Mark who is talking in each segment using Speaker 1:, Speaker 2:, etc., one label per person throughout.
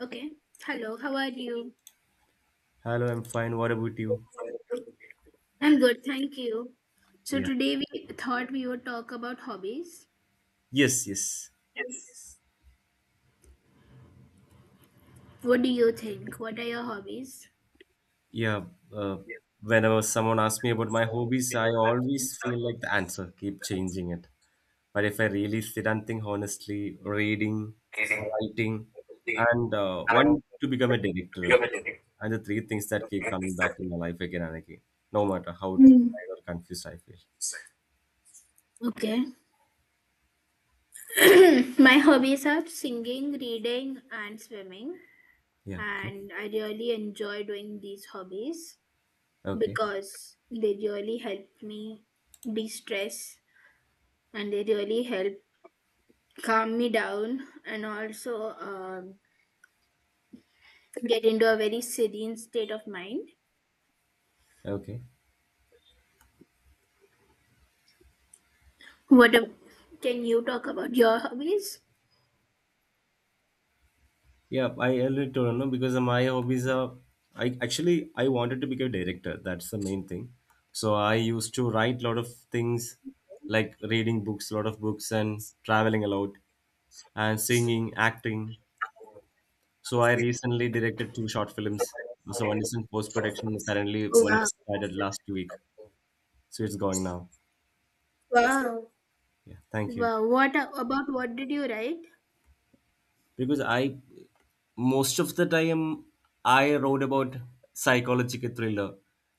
Speaker 1: Okay. Hello, how are you?
Speaker 2: Hello, I'm fine. What about you?
Speaker 1: I'm good, thank you. So
Speaker 2: Yeah.
Speaker 1: today we thought we would talk about hobbies.
Speaker 2: Yes, yes.
Speaker 1: What do you think? What are your hobbies?
Speaker 2: Yeah. Uh, whenever someone asks me about my hobbies, I always feel like the answer keep changing it. But if I really sit and think honestly, reading, writing, and want to become a director, and the three things that keep coming back in my life again and again, no matter how
Speaker 1: Mm.
Speaker 2: tired or confused I feel.
Speaker 1: Okay. My hobbies are singing, reading, and swimming.
Speaker 2: Yeah. Okay.
Speaker 1: And I really enjoy doing these hobbies
Speaker 2: Okay.
Speaker 1: because they really help me de stress and they really help calm me down and also get into a very serene state of mind.
Speaker 2: Okay.
Speaker 1: What ab- can you talk about your hobbies?
Speaker 2: Yeah, I really don't know because my hobbies are. I actually I wanted to become a director. That's the main thing. So I used to write a lot of things, like reading books, a lot of books, and traveling a lot, and singing, acting. So I recently directed two short films. So one is in post production currently. One
Speaker 1: Wow,
Speaker 2: started last week. So it's going now.
Speaker 1: wow,
Speaker 2: Yeah, thank you.
Speaker 1: wow. About what did you write?
Speaker 2: Because I most of the time I wrote about psychological thriller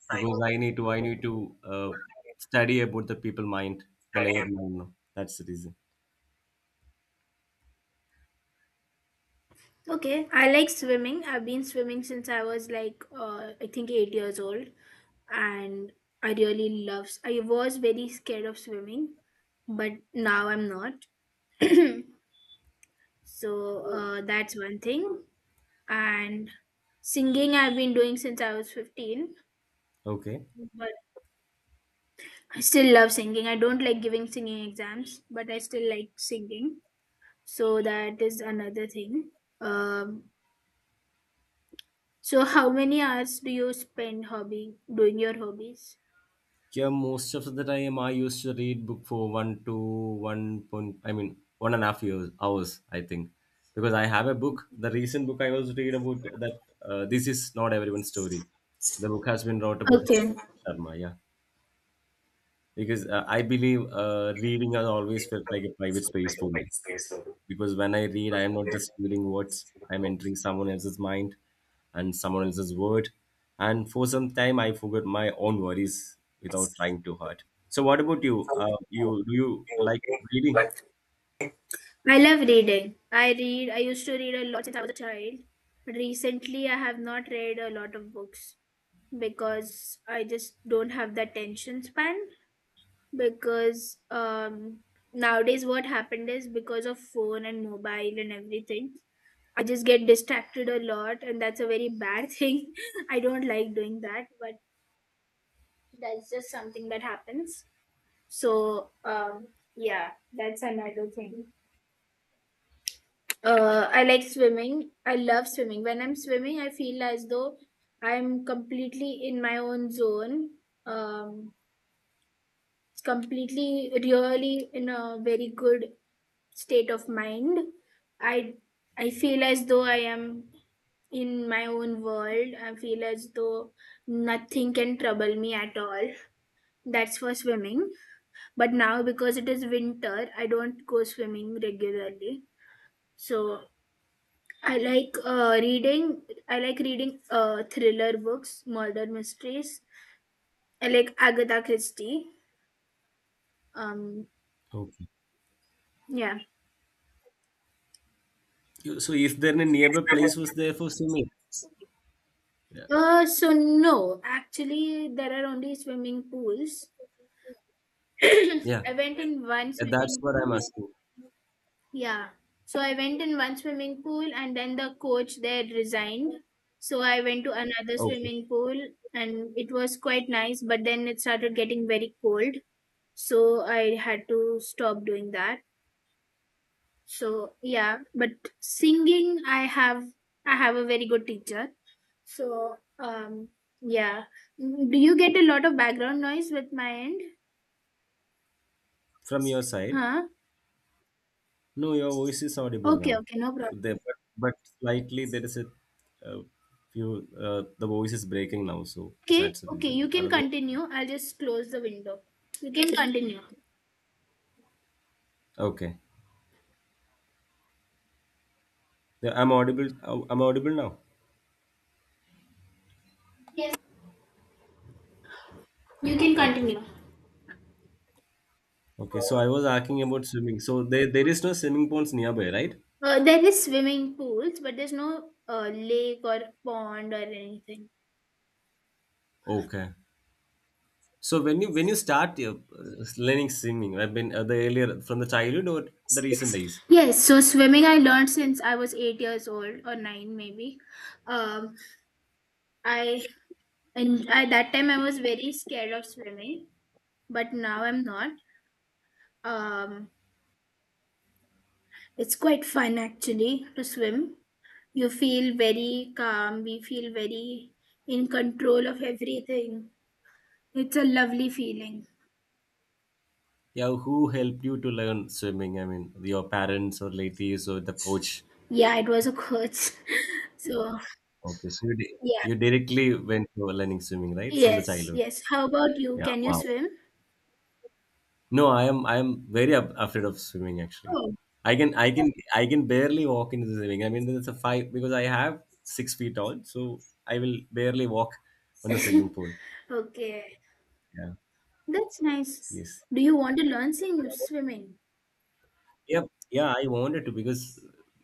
Speaker 2: because I need to study about the people mind, the layered mind. That's the reason.
Speaker 1: Okay, I like swimming. I've been swimming since I was like, I think 8 years old, and I really love. S- I was very scared of swimming, but now I'm not. So that's one thing. And singing, I've been doing since I was 15.
Speaker 2: Okay.
Speaker 1: I still love singing. I don't like giving singing exams, but I still like singing. So that is another thing. Um, so how many hours do you spend hobby doing your hobbies?
Speaker 2: Yeah, most of the time I used to read book for one to one point. I mean 1.5 years hours, I think, because I have a book. The recent book I was read about that. This is not everyone's story. The book has been wrote about
Speaker 1: Okay.
Speaker 2: Sharma. Yeah. Because I believe reading has always felt like a private space for me. Because when I read, I am not just reading words; I am entering someone else's mind and someone else's word. And for some time, I forgot my own worries without trying too hard. So, what about you? Do you like reading?
Speaker 1: I love reading. I used to read a lot since I was a child, but recently I have not read a lot of books because I just don't have that tension span because nowadays what happened is, because of phone and mobile and everything, I just get distracted a lot, and that's a very bad thing. I don't like doing that, but that's just something that happens. So, yeah, that's another thing. I like swimming. I love swimming. When I'm swimming, I feel as though I'm completely in my own zone. Um, completely, really in a very good state of mind. I I feel as though I am in my own world. I feel as though nothing can trouble me at all. That's for swimming. But now, because it is winter, I don't go swimming regularly. So I like reading. I like reading thriller books, murder mysteries. I like Agatha Christie. Um,
Speaker 2: Okay.
Speaker 1: yeah.
Speaker 2: So, if there any nearby place was there for swimming? Yeah.
Speaker 1: So no, actually, there are only swimming pools.
Speaker 2: Yeah.
Speaker 1: I went in one
Speaker 2: Yeah, that's
Speaker 1: swimming
Speaker 2: what I'm
Speaker 1: pool.
Speaker 2: asking.
Speaker 1: Yeah. So I went in one swimming pool and then the coach there resigned. So I went to another
Speaker 2: Okay.
Speaker 1: swimming pool and it was quite nice, but then it started getting very cold. So I had to stop doing that. So yeah, but singing, I have a very good teacher. So yeah. Mm, do you get a lot of background noise with my end?
Speaker 2: From your side.
Speaker 1: Huh?
Speaker 2: No, your voice is audible
Speaker 1: Okay,
Speaker 2: now.
Speaker 1: okay, no
Speaker 2: There,
Speaker 1: problem.
Speaker 2: but slightly there is a, uh few. The voice is breaking now, so
Speaker 1: Okay,
Speaker 2: that's the
Speaker 1: okay,
Speaker 2: reason.
Speaker 1: you can
Speaker 2: Otherwise,
Speaker 1: continue. I'll just close the window. You can continue.
Speaker 2: okay. Yeah, I'm audible. I'm audible now.
Speaker 1: Yes,
Speaker 2: Yeah.
Speaker 1: you can
Speaker 2: Okay.
Speaker 1: continue.
Speaker 2: Okay. So I was asking about swimming. So there is no swimming ponds nearby, right?
Speaker 1: There is swimming pools, but there's no lake or pond or anything.
Speaker 2: Okay. So when you start learning swimming, I've been the earlier from the childhood or the recent days.
Speaker 1: Yes, so swimming I learned since I was 8 years old or nine maybe. Um, I and at that time I was very scared of swimming, but now I'm not. Um, it's quite fun actually to swim. You feel very calm. We feel very in control of everything. It's a lovely feeling.
Speaker 2: Yeah, who helped you to learn swimming? I mean, your parents or relatives or the coach.
Speaker 1: Yeah, it was a coach. So,
Speaker 2: Okay, so you, di-
Speaker 1: yeah.
Speaker 2: you directly went to learning swimming, right, from the
Speaker 1: Yes,
Speaker 2: childhood?
Speaker 1: yes. How about you?
Speaker 2: Yeah,
Speaker 1: Can you
Speaker 2: wow.
Speaker 1: swim?
Speaker 2: No, I am very afraid of swimming actually.
Speaker 1: Oh.
Speaker 2: I can barely walk into the swimming. I mean, there's a five because I have 6 feet tall, so I will barely walk on the swimming pool.
Speaker 1: Okay.
Speaker 2: Yeah.
Speaker 1: That's nice.
Speaker 2: Yes.
Speaker 1: Do you want to learn
Speaker 2: Yeah.
Speaker 1: sing- swimming?
Speaker 2: Yeah. Yeah. I wanted to because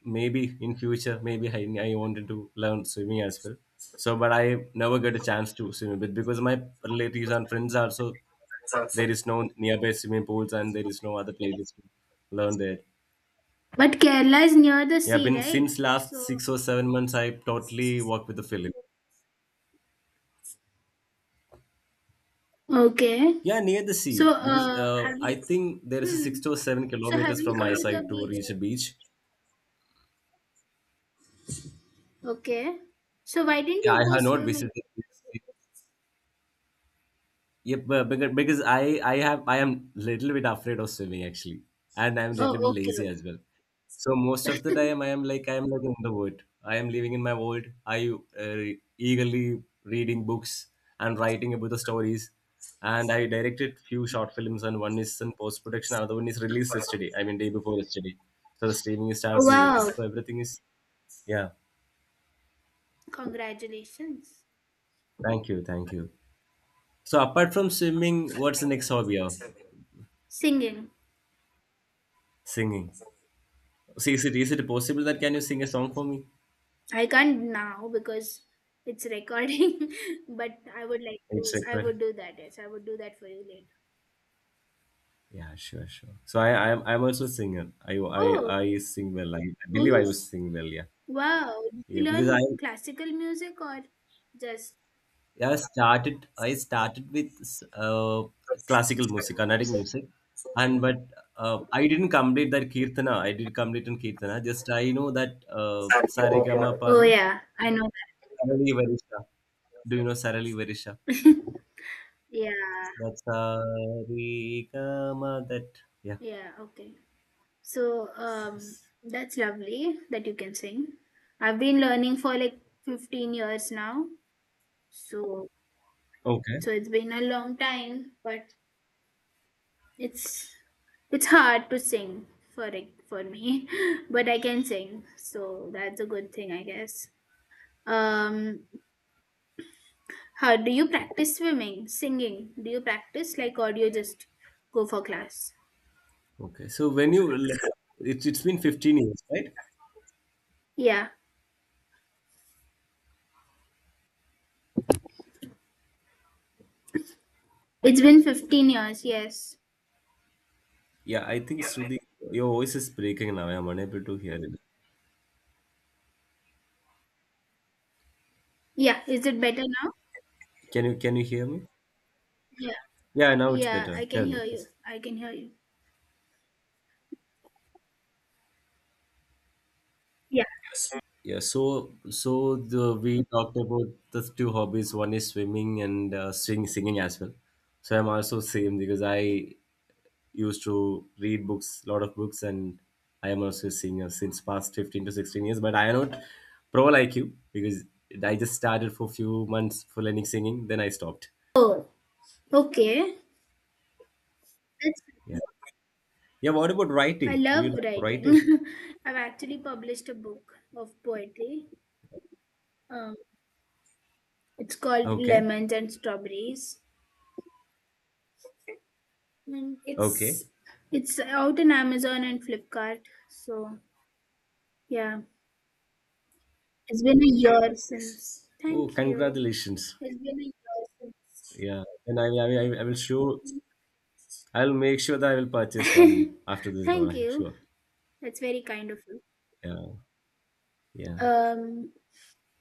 Speaker 2: maybe in future maybe I wanted to learn swimming as well. So, but I never get a chance to swim a bit because my relatives and friends are so. There is no nearby swimming pools and there is no other places to learn there.
Speaker 1: But Kerala is near the
Speaker 2: Yeah,
Speaker 1: sea,
Speaker 2: been
Speaker 1: right?
Speaker 2: since last
Speaker 1: So,
Speaker 2: 6 or 7 months, I totally work with the film.
Speaker 1: okay.
Speaker 2: Yeah, near the
Speaker 1: So,
Speaker 2: sea because
Speaker 1: have
Speaker 2: I
Speaker 1: you?
Speaker 2: think there is a six
Speaker 1: Hmm.
Speaker 2: to seven
Speaker 1: So, have
Speaker 2: kilometers from
Speaker 1: you gone
Speaker 2: my
Speaker 1: to the
Speaker 2: side to
Speaker 1: beach?
Speaker 2: reach a beach.
Speaker 1: Okay. So, why didn't
Speaker 2: Yeah, I
Speaker 1: you go
Speaker 2: have not
Speaker 1: swimming?
Speaker 2: visited the beach. Yep, because I have I am little bit afraid of swimming actually, and I'm little bit
Speaker 1: Oh,
Speaker 2: lazy
Speaker 1: okay.
Speaker 2: as well. So most of the time I am like in the wood. I am living in my world. I uh, eagerly reading books and writing about the stories, and I directed few short films and one is in post production, another one is released yesterday. I mean day before yesterday. So the streaming is started on YouTube.
Speaker 1: Wow.
Speaker 2: So everything is, yeah.
Speaker 1: Congratulations.
Speaker 2: Thank you, thank you. So apart from swimming, what's the next hobby of
Speaker 1: Singing.
Speaker 2: singing? See, is it possible that can you sing a song for me?
Speaker 1: I can't now because it's recording, but I would like
Speaker 2: It's
Speaker 1: to.
Speaker 2: a.
Speaker 1: I would do that. Yes, I would do that for you later.
Speaker 2: Yeah, sure, sure. So I'm also a singer. I I
Speaker 1: Oh,
Speaker 2: I sing well. I believe I
Speaker 1: oh,
Speaker 2: will sing well. Yeah,
Speaker 1: wow! Did you
Speaker 2: yeah. Because I,
Speaker 1: learn classical music or just?
Speaker 2: yeah, I started with uh, classical music, Carnatic music, and but I didn't complete that kirtana. I did complete in kirtana. Just I know that sarigama pa
Speaker 1: Oh
Speaker 2: no
Speaker 1: yeah, I know
Speaker 2: sarali varisha. Do you know sarali varisha?
Speaker 1: that. Yeah,
Speaker 2: That's sarigama. That, yeah.
Speaker 1: yeah. Okay. So that's lovely that you can sing. I've been learning for like 15 years now. So
Speaker 2: Okay.
Speaker 1: so it's been a long time, but It's it's hard to sing for it, for me, but I can sing, so that's a good thing, I guess. Um, how do you practice swimming, singing? Do you practice like, or do you just go for class?
Speaker 2: Okay, so when it's been 15 years, right?
Speaker 1: Yeah, it's been 15 years. Yes.
Speaker 2: Yeah, I think Shruti, your voice is breaking now. I'm unable to hear it.
Speaker 1: Yeah. Is it better now?
Speaker 2: Can you hear me?
Speaker 1: Yeah.
Speaker 2: Yeah, now it's
Speaker 1: Yeah, I
Speaker 2: better.
Speaker 1: can
Speaker 2: Tell me,
Speaker 1: hear you.
Speaker 2: please.
Speaker 1: I can hear you. Yeah.
Speaker 2: Yeah, so so the we talked about the two hobbies. One is swimming and singing as well. So I'm also same because I used to read books, lot of books, and I am also a singer since past 15 to 16 years. But I am not pro like you because I just started for few months for learning singing, then I stopped.
Speaker 1: Oh, okay. That's
Speaker 2: Yeah.
Speaker 1: nice.
Speaker 2: Yeah. What about
Speaker 1: I
Speaker 2: writing? Do you
Speaker 1: love
Speaker 2: like
Speaker 1: writing.
Speaker 2: writing?
Speaker 1: I've actually published a book of poetry. uh, It's called
Speaker 2: Okay.
Speaker 1: Lemons and Strawberries, and
Speaker 2: Okay.
Speaker 1: it's out in Amazon and Flipkart. So yeah, it's been a year since.
Speaker 2: Oh,
Speaker 1: Thank you.
Speaker 2: congratulations.
Speaker 1: It's been a year
Speaker 2: Yeah. And I'll make sure that I will purchase
Speaker 1: since.
Speaker 2: one after this call.
Speaker 1: Thank
Speaker 2: I'm
Speaker 1: you.
Speaker 2: sure.
Speaker 1: That's very kind of you.
Speaker 2: Yeah. Yeah.
Speaker 1: Um,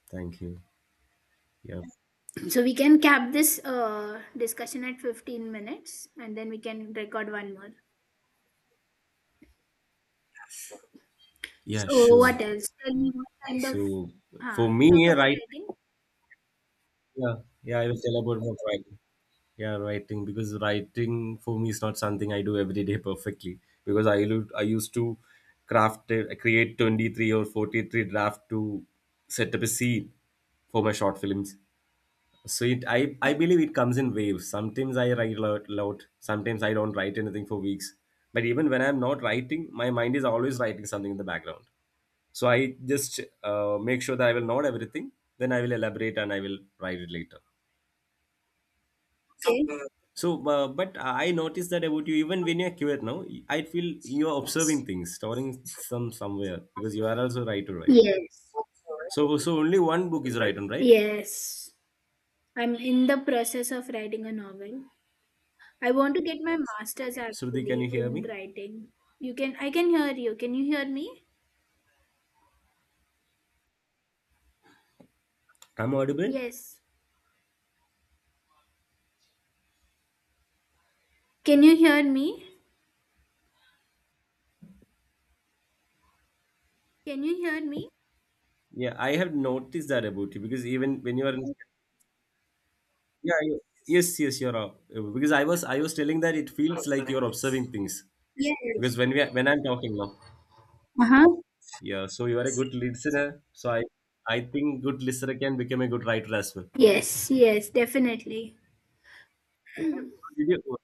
Speaker 2: Thank you. Yeah.
Speaker 1: so we can cap this discussion at 15 minutes, and then we can record one more.
Speaker 2: Yeah,
Speaker 1: So
Speaker 2: sure.
Speaker 1: what else? Tell me what kind of
Speaker 2: So for
Speaker 1: talk
Speaker 2: me,
Speaker 1: about
Speaker 2: right.
Speaker 1: writing.
Speaker 2: Yeah, yeah, I will tell about my writing. Yeah, writing because writing for me is not something I do every day perfectly because I used to create 23 or 43 draft to set up a scene for my short films. So I believe it comes in waves. Sometimes I write a lot, lot. Sometimes I don't write anything for weeks. But even when I'm not writing, my mind is always writing something in the background. So I just make sure that I will note everything. Then I will elaborate and I will write it later.
Speaker 1: Okay.
Speaker 2: So, but I noticed that about you, even when you're quiet now, I feel you're observing things, storing somewhere because you are also writer, right?
Speaker 1: Yes.
Speaker 2: So, only one book is written, right?
Speaker 1: Yes. I'm in the process of writing a novel. I want to get my master's
Speaker 2: Shruti, can
Speaker 1: actually
Speaker 2: you hear
Speaker 1: in
Speaker 2: me?
Speaker 1: writing. You can I can hear you. Can you hear me?
Speaker 2: I'm audible.
Speaker 1: Yes. Can you hear me? Can you hear me?
Speaker 2: Yeah, I have noticed that about you because even when you are, in, yeah, you, yes, yes, you're because I was telling that it feels like you're observing things
Speaker 1: Yes.
Speaker 2: because when I'm talking now,
Speaker 1: Uh-huh.
Speaker 2: yeah. So you are a good listener. So I think good listener can become a good writer as well.
Speaker 1: Yes, yes, definitely. So
Speaker 2: Did you-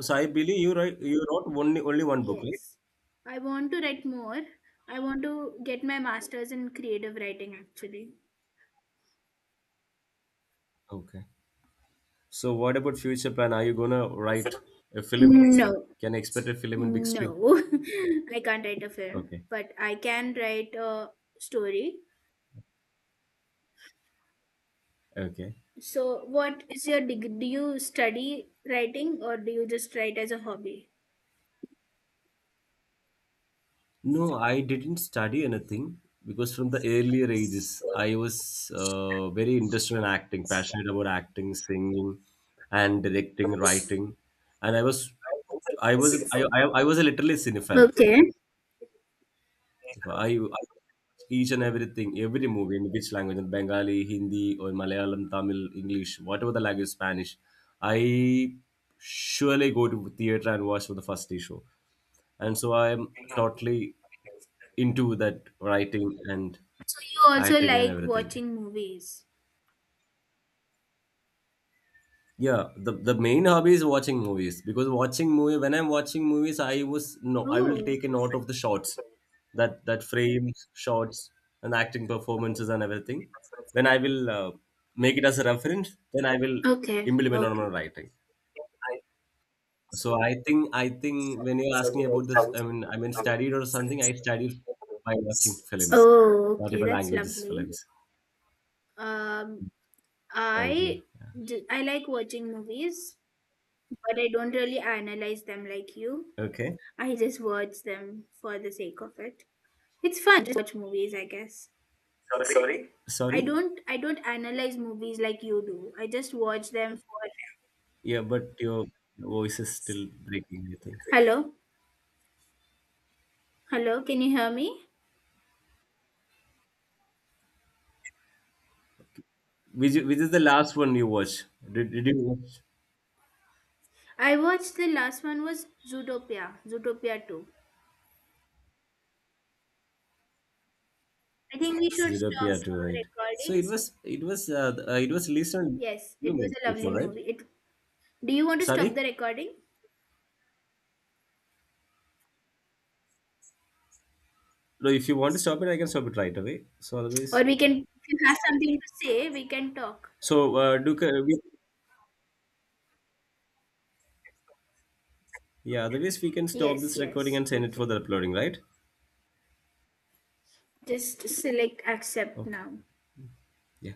Speaker 2: So I believe you wrote only one book, right?
Speaker 1: yes. I want to write more. I want to get my master's in creative writing actually.
Speaker 2: Okay. So what about future plan? Are you gonna write a film?
Speaker 1: No.
Speaker 2: Can I expect a film in big screen?
Speaker 1: No. I can't write a film,
Speaker 2: Okay.
Speaker 1: but I can write a story.
Speaker 2: Okay.
Speaker 1: So, what is your degree? Do you study writing or do you just write as a hobby?
Speaker 2: No, I didn't study anything because from the earlier ages, I was very interested in acting, passionate about acting, singing, and directing, writing, and I was a literally cinephile.
Speaker 1: Okay.
Speaker 2: If I, I each and everything, every movie in which language, in Bengali, Hindi, or Malayalam, Tamil, English, whatever the language, Spanish, I surely go to theater and watch for the first day show, and so I am totally into that writing and
Speaker 1: So, you also
Speaker 2: acting and
Speaker 1: like
Speaker 2: everything.
Speaker 1: watching movies.
Speaker 2: Yeah, the main hobby is watching movies because watching movie when I'm watching movies, I was no, I will
Speaker 1: Oh,
Speaker 2: take a note of the shots, that frames, shots, and acting performances and everything. Then I will make it as a reference. Then I will
Speaker 1: okay,
Speaker 2: implement on my
Speaker 1: okay.
Speaker 2: writing. So I think when you're asking about this, I mean studied or something. I studied by watching films,
Speaker 1: Oh, okay,
Speaker 2: multiple
Speaker 1: that's
Speaker 2: languages
Speaker 1: lovely.
Speaker 2: films.
Speaker 1: Um,
Speaker 2: Thank you.
Speaker 1: I I like watching movies, but I don't really analyze them like you.
Speaker 2: Yeah. Okay,
Speaker 1: I just watch them for the sake of it. It's fun to watch movies, I guess. Sorry.
Speaker 2: sorry.
Speaker 1: I don't analyze movies like you do. I just watch them for.
Speaker 2: Yeah, but your voice is still breaking, I think.
Speaker 1: Hello, hello, can you hear me?
Speaker 2: Which is the last one you watch? Did you watch
Speaker 1: I watched the last one was Zootopia, Zootopia 2. I think we should
Speaker 2: Zero
Speaker 1: stop
Speaker 2: PR2, right?
Speaker 1: the
Speaker 2: So
Speaker 1: recording.
Speaker 2: it was released on
Speaker 1: Yes,
Speaker 2: few
Speaker 1: it was
Speaker 2: months
Speaker 1: a lovely
Speaker 2: before, right?
Speaker 1: movie. It, do you want to stop the
Speaker 2: Sorry,
Speaker 1: recording?
Speaker 2: no. If you want to stop it, I can stop it right away. So
Speaker 1: Or
Speaker 2: otherwise,
Speaker 1: we can, if you have something to say, we can talk.
Speaker 2: so uh, do ca- we, yeah. Otherwise, we can stop
Speaker 1: Yes,
Speaker 2: this recording
Speaker 1: yes,
Speaker 2: and send it for
Speaker 1: okay.
Speaker 2: the uploading, right?
Speaker 1: Just select accept
Speaker 2: Okay.
Speaker 1: now.
Speaker 2: Yeah.